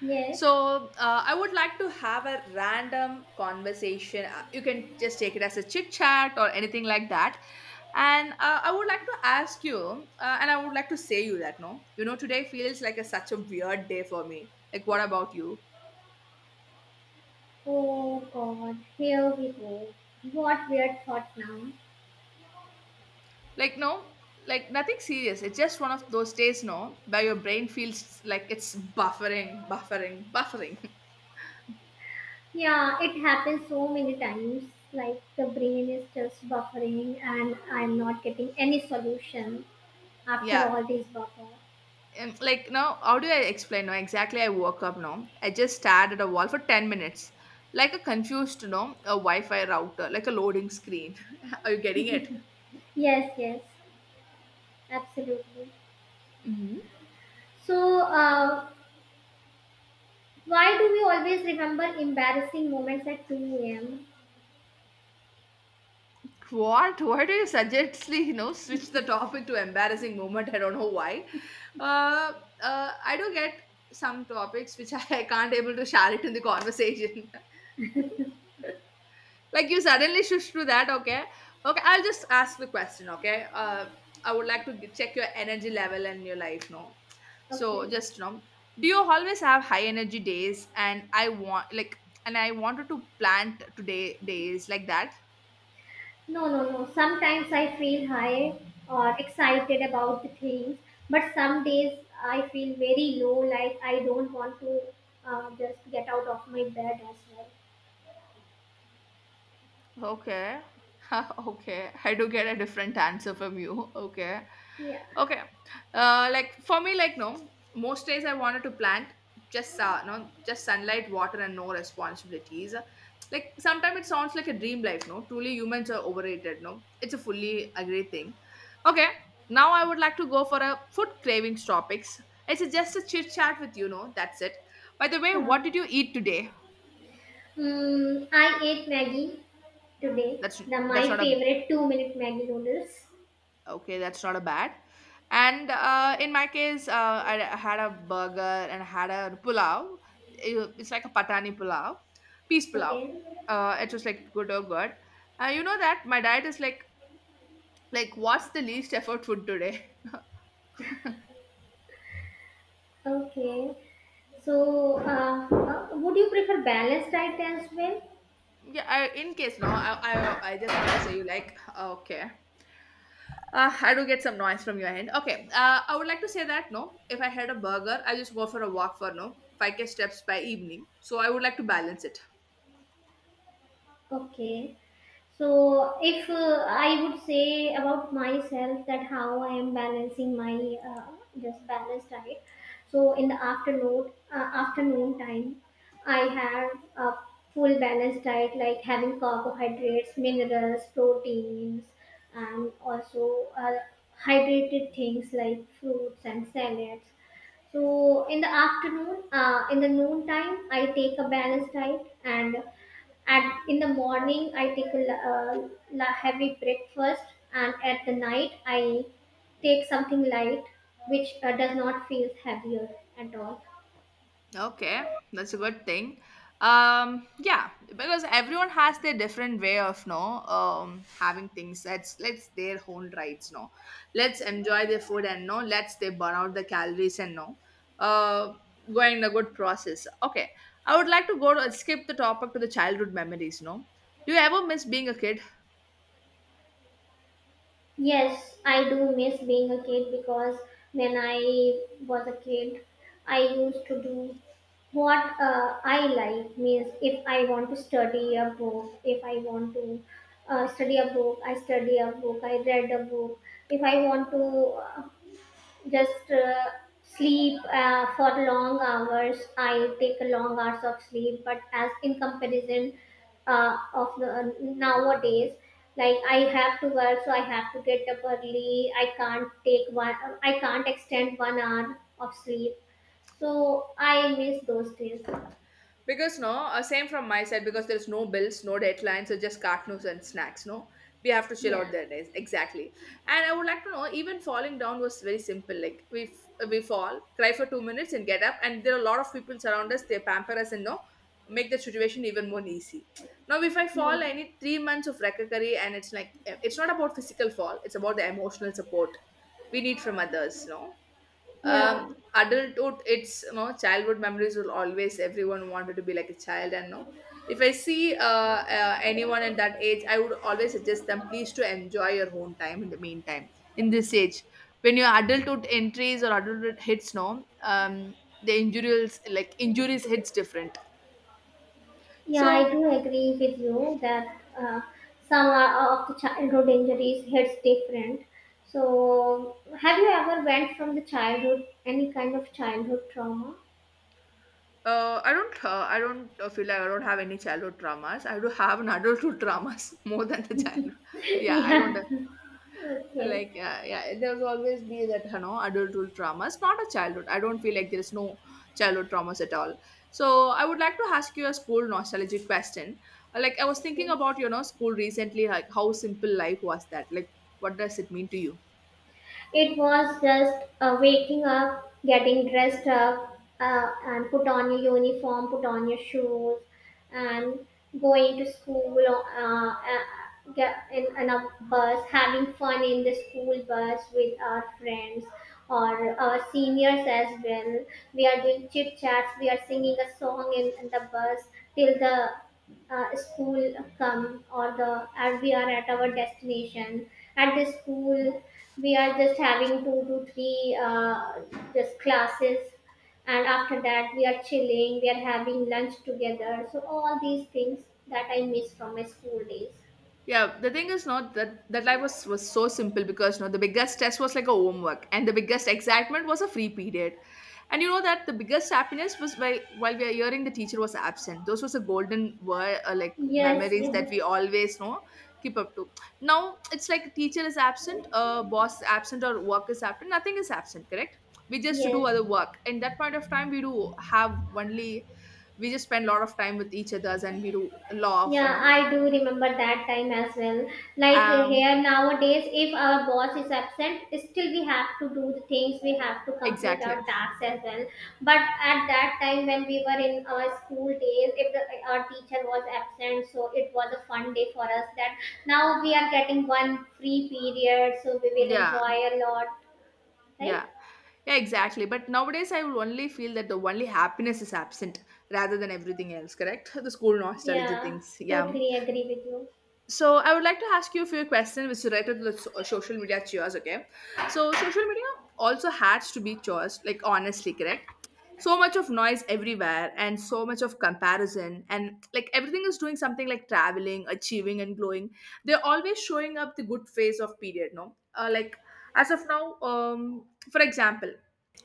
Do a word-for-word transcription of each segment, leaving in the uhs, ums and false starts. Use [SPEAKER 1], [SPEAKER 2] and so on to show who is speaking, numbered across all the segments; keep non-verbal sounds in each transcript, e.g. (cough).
[SPEAKER 1] Yes.
[SPEAKER 2] So, uh, I would like to have a random conversation. Uh, You can just take it as a chit chat or anything like that. And uh, I would like to ask you, uh, and I would like to say you that no, you know, today feels like a, such a weird day for me. Like, what about you?
[SPEAKER 1] Oh God, here we go. What weird thought now.
[SPEAKER 2] Like, no, like nothing serious. It's just one of those days, no, where your brain feels like it's buffering, buffering, buffering.
[SPEAKER 1] Yeah, it happens so many times. Like the brain is just buffering and I'm not getting any solution
[SPEAKER 2] (laughs)
[SPEAKER 1] after
[SPEAKER 2] Yeah.
[SPEAKER 1] all these buffer.
[SPEAKER 2] And like now, how do I explain? No, exactly. I woke up. No, I just stared at a wall for ten minutes, like a confused, no, a Wi-Fi router, like a loading screen. (laughs) Are you getting it?
[SPEAKER 1] Yes, yes, absolutely.
[SPEAKER 2] hmm
[SPEAKER 1] So, uh, why do we always remember embarrassing moments at two a m?
[SPEAKER 2] What? Why do you suggestly, you know, switch the topic to embarrassing moment? I don't know why. Uh, uh, I do get some topics which I (laughs) can't able to share it in the conversation. (laughs) Like you suddenly shift to that. Okay, okay, I'll just ask the question. Okay uh I would like to g- check your energy level and your life, no, so
[SPEAKER 1] Okay.
[SPEAKER 2] just, you know, do you always have high energy days? And I want like, and I wanted to plant today days like that.
[SPEAKER 1] No, no, no. Sometimes I feel high or excited about the things, but some days I feel very low, like I don't want to, uh, just get out of my bed as well.
[SPEAKER 2] Okay. (laughs) Okay. I do get a different answer from you. Okay.
[SPEAKER 1] Yeah.
[SPEAKER 2] Okay. Uh, like for me, like no, most days I wanted to plant just uh, no, just sunlight, water, and no responsibilities. Like sometimes it sounds like a dream life. No, truly humans are overrated. No, it's a fully agree thing. Okay. Now I would like to go for a food cravings topics. It's a- just a chit chat with you. No, that's it. By the way, what
[SPEAKER 1] Sure.
[SPEAKER 2] did you eat today?
[SPEAKER 1] Mm, I ate Maggie today,
[SPEAKER 2] That's
[SPEAKER 1] the
[SPEAKER 2] that's
[SPEAKER 1] my
[SPEAKER 2] not a,
[SPEAKER 1] favorite two minute Maggie noodles.
[SPEAKER 2] okay, that's not a bad. And uh, in my case, uh, I, I had a burger and I had a pulao. It- It's like a patani pulao, peace pulao.
[SPEAKER 1] Okay.
[SPEAKER 2] Uh, it was like good or good. Uh, you know that my diet is like like what's the least effort food today?
[SPEAKER 1] Okay. So, uh, uh, would you prefer balanced diet as well?
[SPEAKER 2] (laughs) Yeah, I, in case no, I, I I just wanted to say you like okay. Uh, I do get some noise from your end. Okay, uh, I would like to say that no, if I had a burger, I just go for a walk for no five k steps by evening. So I would like to balance it.
[SPEAKER 1] Okay. So, if uh, I would say about myself that how I am balancing my, uh, this balanced diet, so in the afternoon, uh, afternoon time, I have a full balanced diet like having carbohydrates, minerals, proteins, and also uh, hydrated things like fruits and salads. So in the afternoon, uh, in the noon time, I take a balanced diet and at in the morning, I take a la- uh, la- heavy breakfast, and at the night, I take something light, which uh, does not feel heavier at all.
[SPEAKER 2] Okay, that's a good thing. Um, yeah, because everyone has their different way of no um having things. That's, let's their own rights. No, let's enjoy their food and no, let's they burn out the calories and no, uh, going in a good process. Okay, I would like to go to skip the topic to the childhood memories. No, do you ever miss being a kid?
[SPEAKER 1] Yes, I do miss being a kid because when I was a kid, I used to do what uh, I like. Means if I want to study a book, if I want to uh, study a book, I study a book, I read a book. If I want to, uh, Just uh, sleep uh, for long hours. I take long hours of sleep, but as in comparison uh, of the, nowadays, like I have to work, so I have to get up early. I can't take one. I can't extend one hour of sleep. So I miss those days.
[SPEAKER 2] Because no, uh, same from my side because there's no bills, no deadlines, so just cartoons and snacks. No, we have to chill
[SPEAKER 1] Yeah.
[SPEAKER 2] out their days exactly. And I would like to know, even falling down was very simple. Like we f- we fall, cry for two minutes, and get up. And there are a lot of people around us. They pamper us and no, make the situation even more easy. Now, if I
[SPEAKER 1] Yeah.
[SPEAKER 2] fall, I need three months of recovery, and it's like eh, it's not about physical fall; it's about the emotional support we need from others. No,
[SPEAKER 1] Yeah.
[SPEAKER 2] um adulthood, it's, you know, childhood memories will always, everyone wanted to be like a child. And no, if I see uh, uh, anyone at that age, I would always suggest them, please, to enjoy your own time in the meantime, in this age. When your adulthood entries or adulthood hits, no, um the injuries, like injuries hits different.
[SPEAKER 1] Yeah,
[SPEAKER 2] So
[SPEAKER 1] I do agree with you that uh, some are- of the childhood injuries hits different. So, have you ever went from the childhood any kind of childhood trauma?
[SPEAKER 2] uh, I don't. Uh, I don't uh, feel like I don't have any childhood traumas. I do have an adulthood traumas (laughs) more than the childhood.
[SPEAKER 1] (laughs)
[SPEAKER 2] Yeah, I don't.
[SPEAKER 1] yeah. Okay.
[SPEAKER 2] Like, yeah, yeah, there's always be that, you know, adulthood traumas, not a childhood. I don't feel like there's no childhood traumas at all. So I would like to ask you a school nostalgic question. Uh, like, I was thinking
[SPEAKER 1] Okay.
[SPEAKER 2] about, you know, school recently, like how simple life was that, like what does it mean to you?
[SPEAKER 1] It was just uh, waking up, getting dressed up, uh, and put on your uniform, put on your shoes, and going to school, uh, uh, get in, in a bus, having fun in the school bus with our friends or our seniors as well. We are doing chit chats, we are singing a song in, in the bus till the uh, school come, or the or we are at our destination at the school. We are just having two to three uh, just classes, and after that we are chilling, we are having lunch together. So all these things that I miss from my school days.
[SPEAKER 2] Yeah, the thing is not that that life was was so simple because, you know, the biggest test was like a homework and the biggest excitement was a free period. And you know that the biggest happiness was by while we are hearing the teacher was absent. Those was the golden word uh, like
[SPEAKER 1] Yes,
[SPEAKER 2] memories that we
[SPEAKER 1] yes,
[SPEAKER 2] always know, keep up to. Now it's like teacher is absent, uh, boss is absent or work is absent. Nothing is absent, correct? We just do
[SPEAKER 1] yes.
[SPEAKER 2] other work. And that point of time we do have only, we just spend a lot of time with each others and we do a lot of, you
[SPEAKER 1] Yeah,
[SPEAKER 2] know.
[SPEAKER 1] I do remember that time as well. Like uh,
[SPEAKER 2] um
[SPEAKER 1] here nowadays, if our boss is absent, still we have to do the things, we have to complete
[SPEAKER 2] Exactly.
[SPEAKER 1] our tasks as well. But at that time, when we were in our school days, if the, our teacher was absent, so it was a fun day for us. That now we are getting one free period, so we will
[SPEAKER 2] Yeah.
[SPEAKER 1] enjoy a lot, right?
[SPEAKER 2] Yeah. Yeah, exactly. But nowadays, I will only feel that the only happiness is absent rather than everything else, correct? The school nostalgia
[SPEAKER 1] Yeah,
[SPEAKER 2] things. Yeah.
[SPEAKER 1] totally agree with you.
[SPEAKER 2] So I would like to ask you a few questions which is related to the so- social media chores. Okay, so social media also has to be chores, like honestly, correct? So much of noise everywhere, and so much of comparison, and like everything is doing something like traveling, achieving, and glowing. They're always showing up the good phase of period. No, uh, like as of now, um, for example,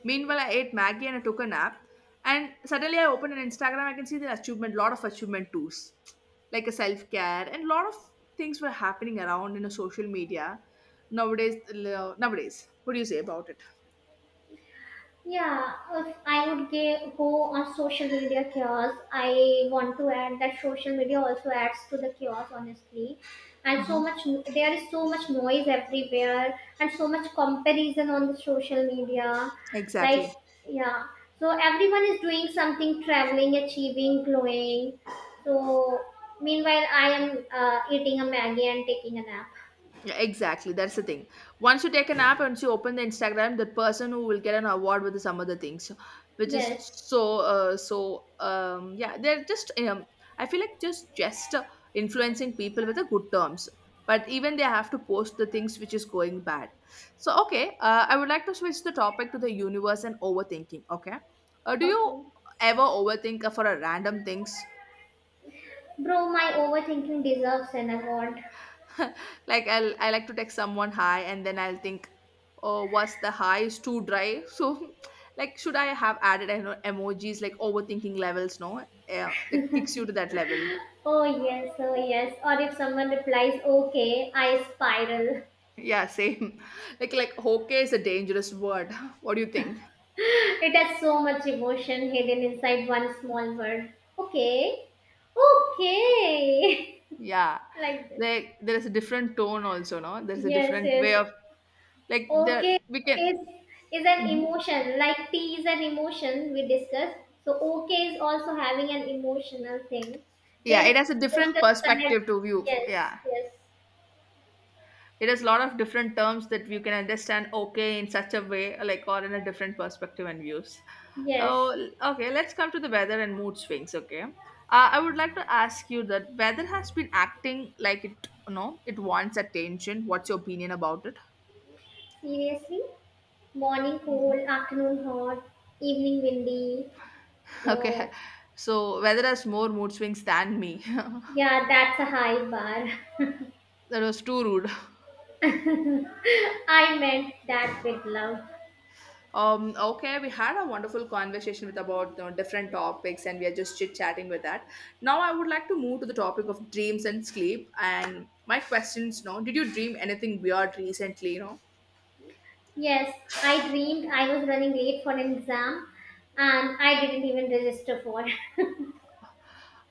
[SPEAKER 2] meanwhile I ate Maggie and I took a nap, and suddenly I open an Instagram, I can see the achievement, lot of achievement tools like a self care and lot of things were happening around in a social media nowadays. Nowadays what do you say about it?
[SPEAKER 1] Yeah, if I would ga- go on social media chaos, I want to add that social media also adds to the chaos, honestly. And so much,
[SPEAKER 2] hmm
[SPEAKER 1] there is so much noise everywhere, and so much comparison on the social media. Like,
[SPEAKER 2] exactly.
[SPEAKER 1] yeah, so everyone is doing something, traveling, achieving, glowing. So, meanwhile, I am uh, eating a Maggie and taking a nap.
[SPEAKER 2] Yeah, exactly, that's the thing. Once you take an app, once you open the Instagram, that person who will get an award with some other things, which is
[SPEAKER 1] Yes,
[SPEAKER 2] so uh, so um, yeah, they're just um, I feel like just just uh, influencing people with the good terms, but even they have to post the things which is going bad. So okay, uh, I would like to switch the topic to the universe and overthinking. Okay, uh, do you
[SPEAKER 1] okay.
[SPEAKER 2] ever overthink for a random things?
[SPEAKER 1] Bro, my overthinking deserves an award.
[SPEAKER 2] (laughs) Like, I'll I like to text someone hi and then I'll think, oh, what's the hi? Is too dry. So, (laughs) like, should I have added eno- emojis? Like overthinking levels, no? Yeah, like kicks you to that level.
[SPEAKER 1] Oh yes, oh yes. Or if someone replies, okay, I spiral.
[SPEAKER 2] Yeah, same. (laughs) Like like okay is a dangerous word. (laughs) What do you think?
[SPEAKER 1] (laughs) It has so much emotion hidden inside one small word. Okay, okay.
[SPEAKER 2] Yeah,
[SPEAKER 1] (laughs) like this.
[SPEAKER 2] like there is a different tone also, no? There is a
[SPEAKER 1] Yes,
[SPEAKER 2] different way
[SPEAKER 1] yes.
[SPEAKER 2] of like the
[SPEAKER 1] Okay
[SPEAKER 2] we can.
[SPEAKER 1] is is an
[SPEAKER 2] Mhm.
[SPEAKER 1] emotion. Like tea is an emotion, we discussed. So okay is also having an emotional thing.
[SPEAKER 2] Yeah,
[SPEAKER 1] There
[SPEAKER 2] it
[SPEAKER 1] is
[SPEAKER 2] has a different
[SPEAKER 1] emotional connect.
[SPEAKER 2] perspective to view.
[SPEAKER 1] Yes,
[SPEAKER 2] Yeah.
[SPEAKER 1] yes,
[SPEAKER 2] It has a lot of different terms that you can understand okay in such a way, like or in a different perspective and views.
[SPEAKER 1] yes.
[SPEAKER 2] Oh, l- okay. Let's come to the weather and mood swings. Okay, uh, I would like to ask you that weather has been acting like it, you know, it wants attention. What's your opinion about it? (laughs)
[SPEAKER 1] Seriously? Morning cold, afternoon hot, evening windy.
[SPEAKER 2] Okay,
[SPEAKER 1] So,
[SPEAKER 2] so weather has more mood swings than me. (laughs)
[SPEAKER 1] yeah, that's a high bar.
[SPEAKER 2] That was too rude. (laughs)
[SPEAKER 1] (laughs) I meant that with love.
[SPEAKER 2] Um, okay, we had a wonderful conversation with about uh, different topics, and we are just chit chatting with that. Now, I would like to move to the topic of dreams and sleep. And my questions, no, did you dream anything weird recently? You know,
[SPEAKER 1] Yes, I dreamed I was running late for an exam and I didn't even register for.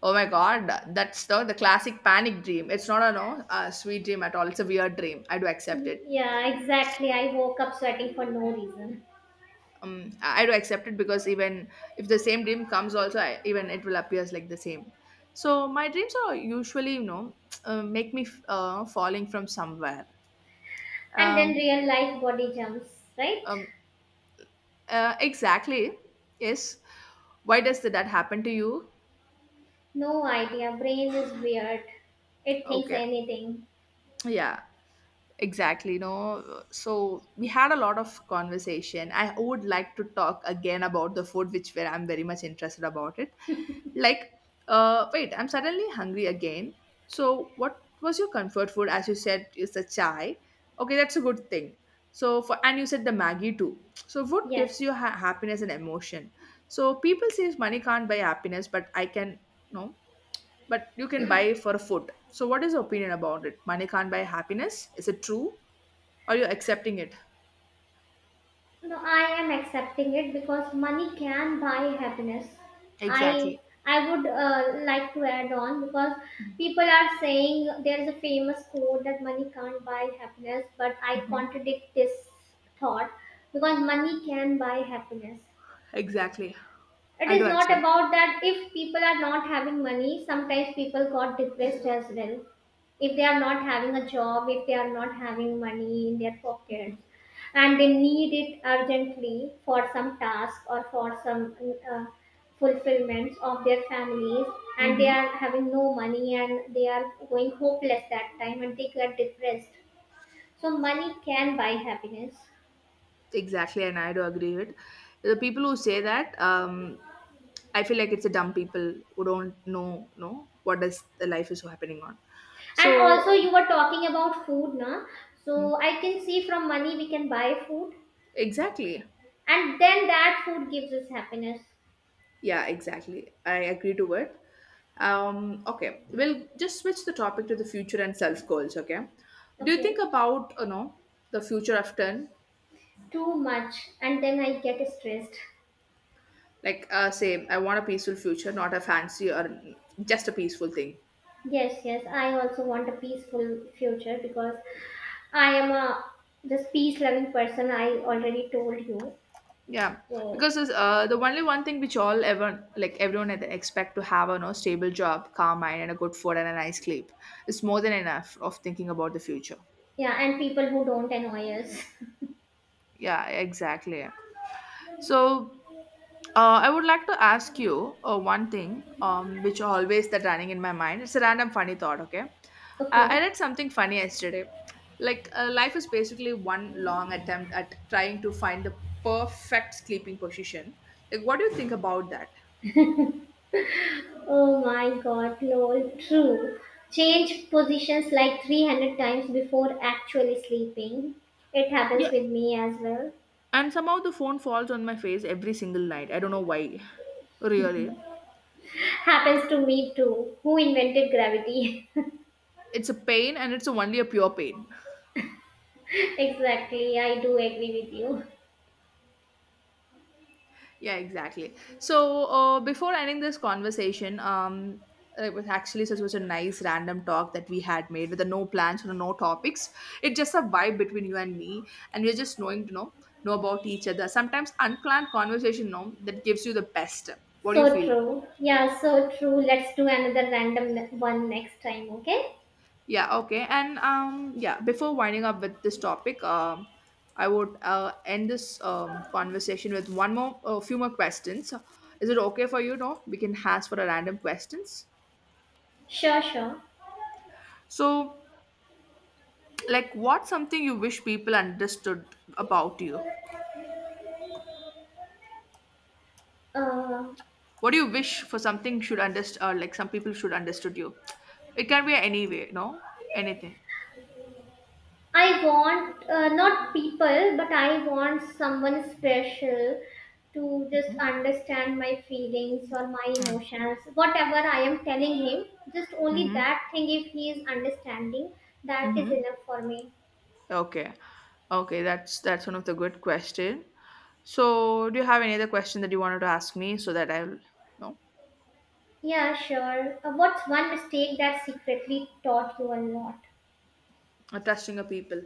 [SPEAKER 2] oh my god, that's the the classic panic dream. It's not a no a sweet dream at all. It's a weird dream. I do
[SPEAKER 1] (laughs)
[SPEAKER 2] accept it.
[SPEAKER 1] yeah, exactly. I woke up sweating for no reason.
[SPEAKER 2] Um, I I do accept it because even if the same dream comes, also I, even it will appears like the same. So my dreams are usually, you know, (tsk) uh, make me f- uh, falling from somewhere.
[SPEAKER 1] And then
[SPEAKER 2] Um,
[SPEAKER 1] real life body jumps, right?
[SPEAKER 2] um, uh, exactly. Yes. Why does that happen to you?
[SPEAKER 1] No idea. Brain is weird. It thinks
[SPEAKER 2] Okay.
[SPEAKER 1] anything.
[SPEAKER 2] Yeah. Exactly, no. So we had a lot of conversation. I would like to talk again about the food, which where I'm very much interested about it. Like, uh, wait, I'm suddenly hungry again. So what was your comfort food? As you said, is the chai. Okay, that's a good thing. So for, and you said the Maggie too. So food gives
[SPEAKER 1] Yes.
[SPEAKER 2] you ha- happiness and emotion. So people say money can't buy happiness, but I can, no, but you can buy for food. So what is your opinion about it? Money can't buy happiness. Is it true? Or you're accepting it.
[SPEAKER 1] No, I am accepting it because money can buy happiness. I
[SPEAKER 2] Exactly.
[SPEAKER 1] I would uh, like to add on because people are saying there is a famous quote that money can't buy happiness, but I
[SPEAKER 2] hmm
[SPEAKER 1] contradict this thought because money can buy happiness.
[SPEAKER 2] Exactly.
[SPEAKER 1] It
[SPEAKER 2] I do
[SPEAKER 1] is not
[SPEAKER 2] accept.
[SPEAKER 1] about that. If people are not having money, sometimes people got depressed as well. If they are not having a job, if they are not having money in their pockets, and they need it urgently for some task or for some uh, fulfillments of their families, and they
[SPEAKER 2] hmm
[SPEAKER 1] are having no money and they are going hopeless that time and they get depressed. So, money can buy happiness.
[SPEAKER 2] Exactly. And I do agree with the people who say that. Um, I feel like it's a dumb people who don't know, know what is the life is so happening on.
[SPEAKER 1] And also,
[SPEAKER 2] So
[SPEAKER 1] you were talking about food, na?
[SPEAKER 2] Mm,
[SPEAKER 1] So I can see from money we can buy food,
[SPEAKER 2] exactly.
[SPEAKER 1] and then that food gives us happiness.
[SPEAKER 2] Yeah, exactly. I agree to it. Um, okay, we'll just switch the topic to the future and self goals. Okay, do you think
[SPEAKER 1] Okay,
[SPEAKER 2] about you know the future often?
[SPEAKER 1] too much, and then I get stressed.
[SPEAKER 2] Like, uh, same. I want a peaceful future, not a fancy or just a peaceful thing.
[SPEAKER 1] Yes, yes, I also want a peaceful future because I am a just peace-loving person. I already told you.
[SPEAKER 2] Yeah,
[SPEAKER 1] So
[SPEAKER 2] because it's, uh, the only one thing which all ever like everyone e- expect to have a no stable job, calm mind, and a good food and a nice sleep is more than enough of thinking about the future.
[SPEAKER 1] yeah, and people who don't annoy us. (laughs)
[SPEAKER 2] Yeah, exactly. So, uh, I would like to ask you uh, one thing, um, which always that running in my mind. It's a random funny thought. Okay, uh, I
[SPEAKER 1] Okay.
[SPEAKER 2] read something funny yesterday. Like uh, life is basically one long attempt at trying to find the perfect sleeping position. Like, what do you think about that?
[SPEAKER 1] Oh my god, lol, true. Change positions like three hundred times before actually sleeping. It happens
[SPEAKER 2] Yeah,
[SPEAKER 1] with me as well.
[SPEAKER 2] and somehow the phone falls on my face every single night. I don't know why. Really,
[SPEAKER 1] Happens to me too. Who invented gravity?
[SPEAKER 2] it's a pain, and it's only a pure pain.
[SPEAKER 1] (laughs) exactly, I do agree with you.
[SPEAKER 2] Yeah, exactly. So uh, before ending this conversation, um, it was actually such was a nice random talk that we had made with the no plans or no topics. It's just a vibe between you and me, and we're just knowing to know know about each other. Sometimes unplanned conversation, no, that gives you the best. What do you
[SPEAKER 1] So
[SPEAKER 2] feel?
[SPEAKER 1] true. Yeah, so true. Let's do another random ne- one next time, okay?
[SPEAKER 2] Yeah, okay. And um, yeah, before winding up with this topic, um, I would uh, end this um, conversation with one more, a few more questions. Is it okay for you? No, we can ask for a random questions.
[SPEAKER 1] Sure, sure.
[SPEAKER 2] So, like, what's something you wish people understood about you?
[SPEAKER 1] Uh,
[SPEAKER 2] What do you wish for something should understand, uh, like some people should understood you? It can be any way, no, anything.
[SPEAKER 1] I want, uh, not people, but I want someone special to just understand my feelings or my
[SPEAKER 2] Mm.
[SPEAKER 1] emotions. Whatever I am telling him, just only
[SPEAKER 2] Mm-hmm.
[SPEAKER 1] that thing, if he is understanding, that is
[SPEAKER 2] Mm-hmm.
[SPEAKER 1] enough for me.
[SPEAKER 2] Okay. Okay, that's that's one of the good question. So, do you have any other question that you wanted to ask me so that I'll no
[SPEAKER 1] Yeah, sure. Uh, what's one mistake that secretly taught you a lot?
[SPEAKER 2] trusting a people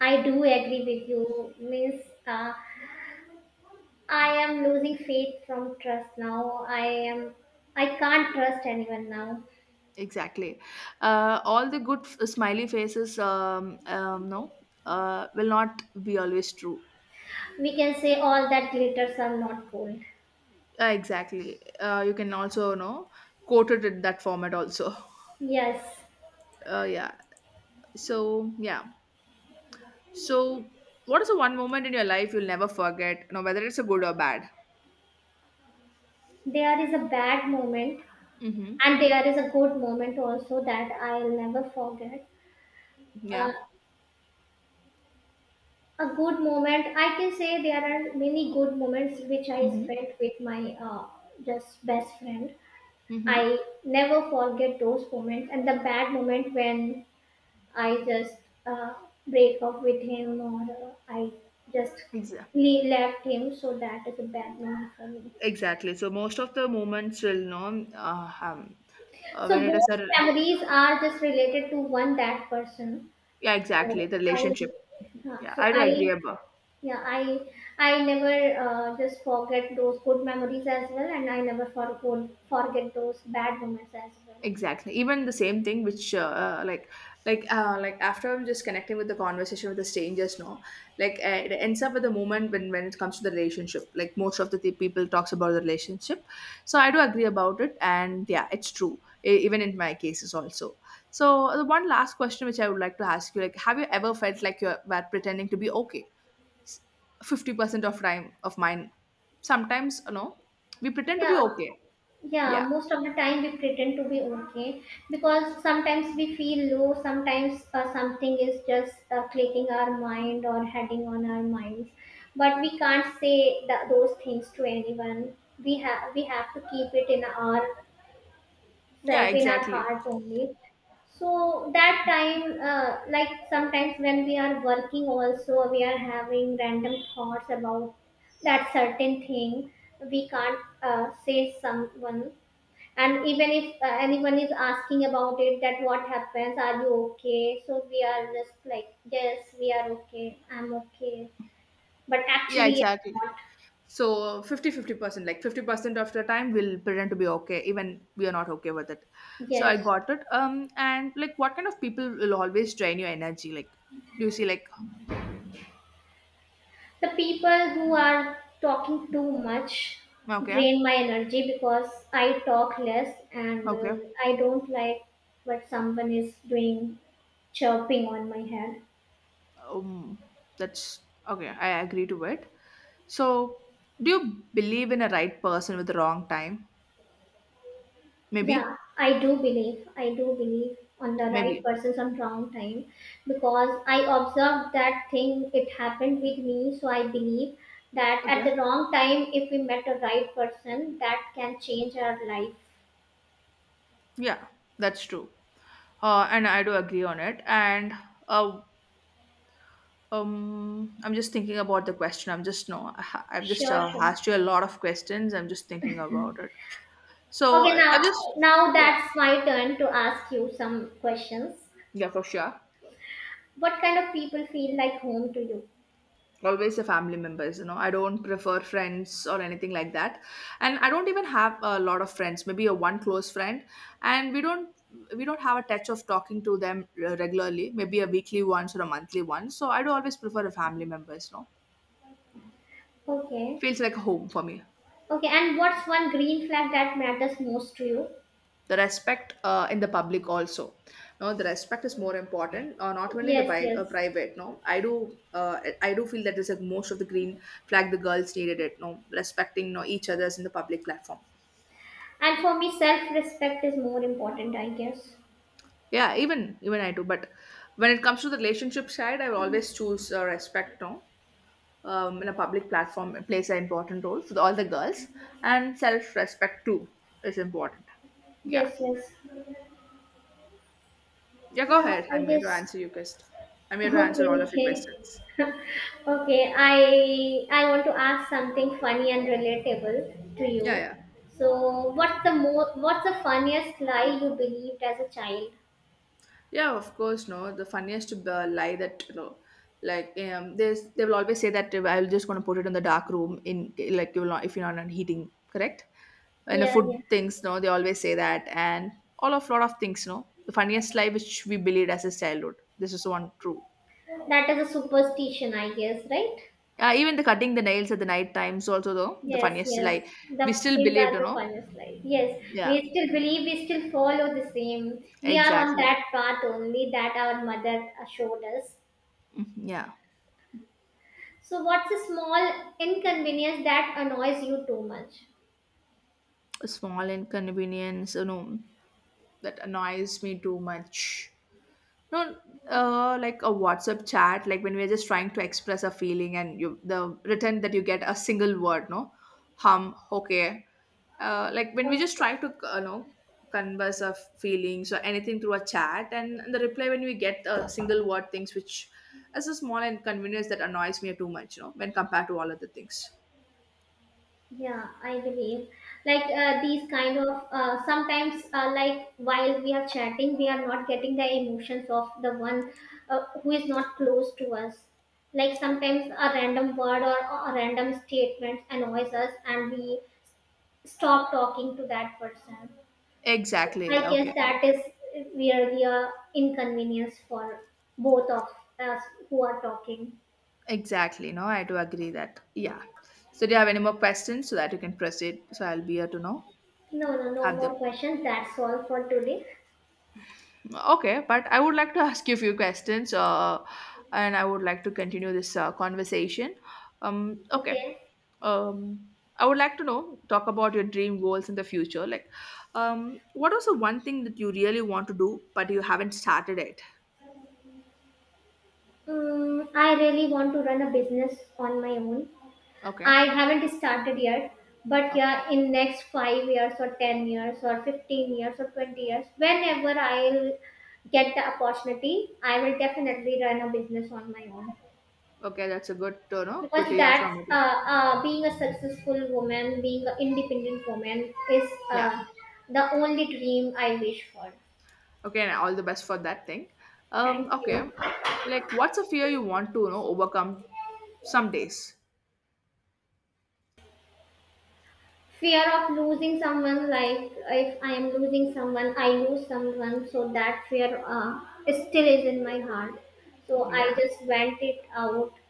[SPEAKER 1] I do agree with you. Means uh, I am losing faith from trust now. I am. I can't trust anyone now.
[SPEAKER 2] exactly. Uh, all the good f- smiley faces, um, um, no, uh, will not be always true.
[SPEAKER 1] We can say all that glitters are not gold.
[SPEAKER 2] Uh, exactly. Uh, you can also know quote it in that format also. (laughs)
[SPEAKER 1] Yes,
[SPEAKER 2] Uh, yeah. So yeah. So what is the one moment in your life you'll never forget? No, whether it's a good or bad.
[SPEAKER 1] there is a bad moment
[SPEAKER 2] Mm-hmm.
[SPEAKER 1] and there is a good moment also that I'll never forget. Uh,
[SPEAKER 2] Yeah.
[SPEAKER 1] a good moment, I can say there are many good moments which I
[SPEAKER 2] Mm-hmm.
[SPEAKER 1] spent with my uh, just best friend.
[SPEAKER 2] Mm-hmm.
[SPEAKER 1] I never forget those moments, and the bad moment when I just uh, break up with him, or uh, I just
[SPEAKER 2] Exa-
[SPEAKER 1] le- left him. So that is a bad moment for me.
[SPEAKER 2] Exactly. So most of the moments will know uh, um, uh, when
[SPEAKER 1] So
[SPEAKER 2] it is
[SPEAKER 1] both
[SPEAKER 2] a
[SPEAKER 1] memories are just related to one that person.
[SPEAKER 2] yeah exactly
[SPEAKER 1] So
[SPEAKER 2] the
[SPEAKER 1] I,
[SPEAKER 2] relationship.
[SPEAKER 1] yeah,
[SPEAKER 2] Yeah,
[SPEAKER 1] so
[SPEAKER 2] I do agree
[SPEAKER 1] I,
[SPEAKER 2] about.
[SPEAKER 1] yeah, I, I never uh, just forget those good memories as well, and I never forget forget those bad moments as well.
[SPEAKER 2] Exactly. Even the same thing, which uh, uh, like, like, uh, like after I'm just connecting with the conversation with the strangers, no, like uh, it ends up with the moment when when it comes to the relationship. Like most of the th- people talks about the relationship, so I do agree about it, and yeah, it's true. E- even in my cases also. So the one last question which I would like to ask you, like, have you ever felt like you were pretending to be okay? Fifty percent of time of mine, sometimes no, we pretend to be
[SPEAKER 1] Yeah,
[SPEAKER 2] okay.
[SPEAKER 1] yeah,
[SPEAKER 2] Yeah.
[SPEAKER 1] most of the time we pretend to be okay, because sometimes we feel low, sometimes uh, something is just uh, clicking our mind or heading on our minds, but we can't say th- those things to anyone. We have we have to keep it in our
[SPEAKER 2] Yeah.
[SPEAKER 1] self, in our
[SPEAKER 2] Exactly.
[SPEAKER 1] heart only. So that time, uh, like sometimes when we are working also, we are having random thoughts about that certain thing. We can't uh, say someone, and even if uh, anyone is asking about it that what happens, are you okay, so we are just like, yes, we are okay, I'm okay, but
[SPEAKER 2] Yeah.
[SPEAKER 1] actually
[SPEAKER 2] Exactly.
[SPEAKER 1] I'm not.
[SPEAKER 2] So fifty fifty percent like fifty percent of the time we'll pretend to be okay, even we are not okay with it. So I
[SPEAKER 1] Yes,
[SPEAKER 2] got it. Um, and like what kind of people will always drain your energy? Like, do you see, like,
[SPEAKER 1] the people who are talking too much
[SPEAKER 2] okay,
[SPEAKER 1] drain my energy because I talk less and uh,
[SPEAKER 2] okay,
[SPEAKER 1] I don't like what someone is doing, chirping on my head.
[SPEAKER 2] um, that's okay, I agree to it. So, do you believe in a right person with the wrong time?
[SPEAKER 1] Yeah,
[SPEAKER 2] Maybe,
[SPEAKER 1] I do believe. I do believe on the right
[SPEAKER 2] maybe,
[SPEAKER 1] persons on wrong time because I observed that thing. It happened with me, so I believe that at
[SPEAKER 2] okay,
[SPEAKER 1] the wrong time, if we met the right person, that can change our life.
[SPEAKER 2] yeah, that's true. Uh, and I do agree on it. And uh, Um, I'm just thinking about the question. I'm just no, I ha- I've just
[SPEAKER 1] Sure,
[SPEAKER 2] uh,
[SPEAKER 1] sure.
[SPEAKER 2] asked you a lot of questions. I'm just thinking about it. So
[SPEAKER 1] Okay,
[SPEAKER 2] uh, I'm
[SPEAKER 1] now
[SPEAKER 2] just,
[SPEAKER 1] now
[SPEAKER 2] yeah,
[SPEAKER 1] that's my turn to ask you some questions.
[SPEAKER 2] yeah, for sure.
[SPEAKER 1] What kind of people feel like home to you?
[SPEAKER 2] Always the family members, you know. I don't prefer friends or anything like that, and I don't even have a lot of friends. Maybe a one close friend, and we don't we don't have a touch of talking to them uh, regularly. Maybe a weekly once or a monthly once. So I do always prefer the family members. No,
[SPEAKER 1] Okay.
[SPEAKER 2] feels like a home for me.
[SPEAKER 1] Okay, and what's one green flag that matters most to you?
[SPEAKER 2] The respect uh, in the public also no the respect is more important uh, not only in the
[SPEAKER 1] Yes,
[SPEAKER 2] pri-
[SPEAKER 1] yes.
[SPEAKER 2] uh, private no i do uh, I do feel that is like most of the green flag the girls needed it no respecting no each other's in the public platform.
[SPEAKER 1] And for me, self respect is more important, I guess.
[SPEAKER 2] Yeah, even even I do, but when it comes to the relationship side I will always choose uh, respect no. um, in a public platform it plays an important role for the, all the girls and self respect too is important. Yeah
[SPEAKER 1] Yes, yes.
[SPEAKER 2] yeah go
[SPEAKER 1] Yeah,
[SPEAKER 2] ahead
[SPEAKER 1] I
[SPEAKER 2] I'm here to
[SPEAKER 1] guess.
[SPEAKER 2] answer your question. I'm here to answer
[SPEAKER 1] Okay,
[SPEAKER 2] all of your
[SPEAKER 1] okay.
[SPEAKER 2] questions.
[SPEAKER 1] (laughs) okay, I I want to ask something funny and relatable to you.
[SPEAKER 2] Yeah, yeah,
[SPEAKER 1] So, what's the mo- what's the funniest lie you believed as a child?
[SPEAKER 2] yeah. Of course, no. The funniest uh, lie that you know, like um, there's they will always say that uh, I'm just gonna put it in the dark room in like you will not if you're not heating, correct? And the
[SPEAKER 1] Yeah,
[SPEAKER 2] food
[SPEAKER 1] yeah.
[SPEAKER 2] things, no, they always say that, and all of lot of things, no. The funniest lie which we believed as a childhood. This is one true.
[SPEAKER 1] That is a superstition, I guess, right?
[SPEAKER 2] Uh, even the cutting the nails at the night times also though the
[SPEAKER 1] Yes,
[SPEAKER 2] funniest lie
[SPEAKER 1] yes.
[SPEAKER 2] we
[SPEAKER 1] The,
[SPEAKER 2] still
[SPEAKER 1] these
[SPEAKER 2] believed,
[SPEAKER 1] are
[SPEAKER 2] you
[SPEAKER 1] the
[SPEAKER 2] know.
[SPEAKER 1] final slide. Yes,
[SPEAKER 2] Yeah,
[SPEAKER 1] we still believe, we still follow the same. We are on
[SPEAKER 2] exactly.
[SPEAKER 1] that path only that our mother uh, showed us.
[SPEAKER 2] Mhm, yeah,
[SPEAKER 1] So, what's a small inconvenience that annoys you too much?
[SPEAKER 2] a small inconvenience, you know, that annoys me too much. No, uh, like a WhatsApp chat, like when we're just trying to express a feeling and you the written that you get a single word, no, hum, okay. Uh, like when we just
[SPEAKER 1] Okay.
[SPEAKER 2] try to, uh, you know, converse our feelings or anything through a chat, and the reply when we get a single word things, which is a small inconvenience that annoys me too much, you know, when compared to all other things.
[SPEAKER 1] Yeah, I believe, like uh, these kind of, uh, sometimes, uh, like while we are chatting, we are not getting the emotions of the one uh, who is not close to us. Like sometimes a random word or a random statement annoys us, and we stop talking to that person.
[SPEAKER 2] Exactly.
[SPEAKER 1] I guess
[SPEAKER 2] Okay.
[SPEAKER 1] that is where we are inconvenience for both of us who are talking.
[SPEAKER 2] Exactly. No, I do agree that. Yeah. So do you have any more questions so that you can proceed? So I'll be here to know.
[SPEAKER 1] No, no, no
[SPEAKER 2] Have the
[SPEAKER 1] more questions. That's all for today.
[SPEAKER 2] okay, but I would like to (laughs) ask you a few questions. Uh, and I would like to continue this uh, conversation. Um, okay.
[SPEAKER 1] Okay.
[SPEAKER 2] Um, I would like to know talk about your dream goals in the future. Like, um, what was the one thing that you really want to do but you haven't started it?
[SPEAKER 1] Mm, I really want to run a business on my own.
[SPEAKER 2] Okay.
[SPEAKER 1] I haven't started yet, but
[SPEAKER 2] Okay.
[SPEAKER 1] yeah, in next five years or ten years or fifteen years or twenty years, whenever I'll get the opportunity, I will definitely run a business on my own
[SPEAKER 2] Okay, that's a good to know.
[SPEAKER 1] because
[SPEAKER 2] Good to hear
[SPEAKER 1] that's
[SPEAKER 2] from
[SPEAKER 1] uh,
[SPEAKER 2] you.
[SPEAKER 1] uh, being a successful woman, being an independent woman is
[SPEAKER 2] Yeah.
[SPEAKER 1] uh, the only dream I wish for.
[SPEAKER 2] Okay, and all the best for that thing. Um,
[SPEAKER 1] Thank
[SPEAKER 2] okay,
[SPEAKER 1] you.
[SPEAKER 2] like what's a fear you want to you know overcome some days?
[SPEAKER 1] Fear of losing someone. Like if I am losing someone, I lose someone, so that fear uh, still is in my heart, so I
[SPEAKER 2] Yeah,
[SPEAKER 1] just vent it out,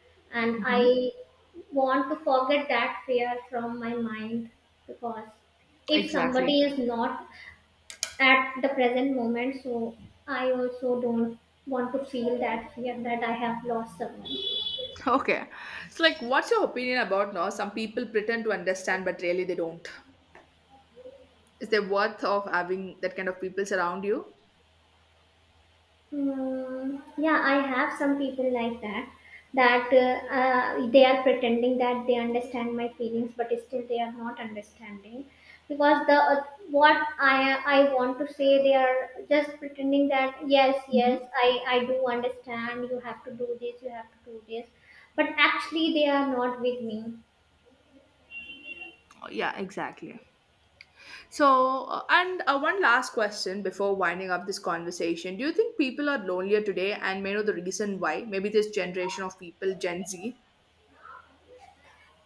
[SPEAKER 1] and I
[SPEAKER 2] hmm
[SPEAKER 1] want to forget that fear from my mind, because if
[SPEAKER 2] exactly.
[SPEAKER 1] somebody is not at the present moment, so I also don't want to feel that fear that I have lost someone.
[SPEAKER 2] Okay, so like, what's your opinion about now? Some people pretend to understand, but really they don't. Is there worth of having that kind of people around you?
[SPEAKER 1] Mm, yeah, I have some people like that. That uh, uh, they are pretending that they understand my feelings, but still they are not understanding because the uh, what I I want to say, they are just pretending that yes
[SPEAKER 2] Hmm.
[SPEAKER 1] yes I I do understand you have to do this you have to do this, but actually they are not with me.
[SPEAKER 2] Yeah, exactly. So, uh, and uh, one last question before winding up this conversation. Do you think people are lonelier today and may know the reason why? Maybe this generation of people, Gen Z?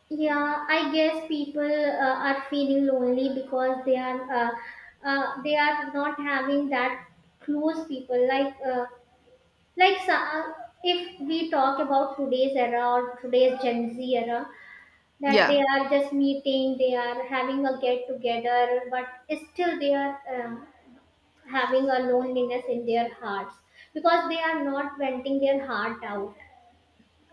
[SPEAKER 1] Yeah, I guess people uh, are feeling lonely because they are, uh, uh, they are not having that close people like, uh, like so- uh, if we talk about today's era or today's Gen Z era, that they
[SPEAKER 2] Yeah.
[SPEAKER 1] are just meeting, they are having a get together, but still they are um, having a loneliness in their hearts because they are not venting their heart out.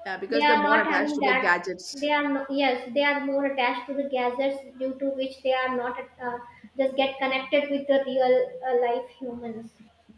[SPEAKER 2] Yeah,
[SPEAKER 1] They
[SPEAKER 2] because they're
[SPEAKER 1] are
[SPEAKER 2] more
[SPEAKER 1] not
[SPEAKER 2] attached
[SPEAKER 1] having
[SPEAKER 2] to the
[SPEAKER 1] that.
[SPEAKER 2] gadgets.
[SPEAKER 1] They are, no, yes, they are more attached to the gadgets, due to which they are not uh, just get connected with the real uh, life humans.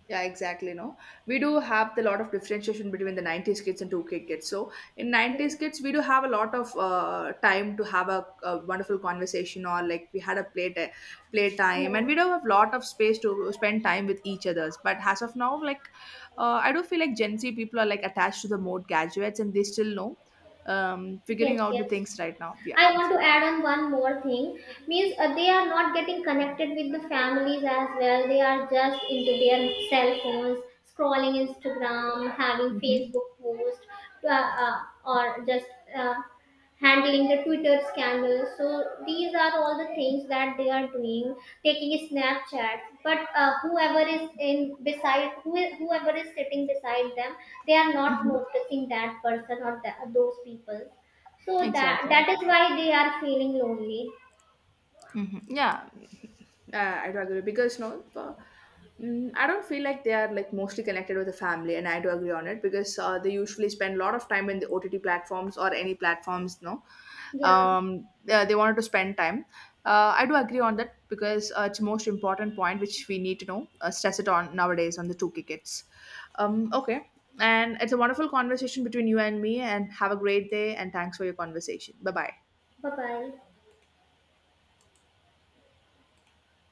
[SPEAKER 2] Yeah, exactly. No, we do have the lot of differentiation between the nineties kids and two k kids. So in nineties kids, we do have a lot of uh, time to have a, a wonderful conversation, or like we had a play t- play time,
[SPEAKER 1] Yeah.
[SPEAKER 2] and we do have a lot of space to spend time with each others. But as of now, like uh, I do feel like Gen Z people are like attached to the mode gadgets, and they still know um,
[SPEAKER 1] Yes,
[SPEAKER 2] figuring out the
[SPEAKER 1] yes.
[SPEAKER 2] things right now. Yeah,
[SPEAKER 1] I want to
[SPEAKER 2] exactly.
[SPEAKER 1] add on one more thing. Means uh, they are not getting connected with the families as well. They are just into their cell phones, scrolling Instagram, having
[SPEAKER 2] Hmm.
[SPEAKER 1] Facebook post, uh, uh, or just uh, handling the Twitter scandal. So these are all the things that they are doing, taking a Snapchat. But uh, whoever is in beside, who is, whoever is sitting beside them, they are not
[SPEAKER 2] Hmm.
[SPEAKER 1] noticing that person or that, those people. So that
[SPEAKER 2] Exactly.
[SPEAKER 1] that is why they are feeling lonely.
[SPEAKER 2] Hmm. Yeah, uh, I do agree because no, uh, mm, I don't feel like they are like mostly connected with the family, and I do agree on it because uh, they usually spend a lot of time in the O T T platforms or any platforms. No,
[SPEAKER 1] Yeah.
[SPEAKER 2] um, yeah, they wanted to spend time. Uh, I do agree on that because uh, it's the most important point which we need to know, uh, stress it on nowadays on the two k kids. Um, okay, and it's a wonderful conversation between you and me, and have a great day, and thanks for your conversation. Bye bye.
[SPEAKER 1] Bye bye.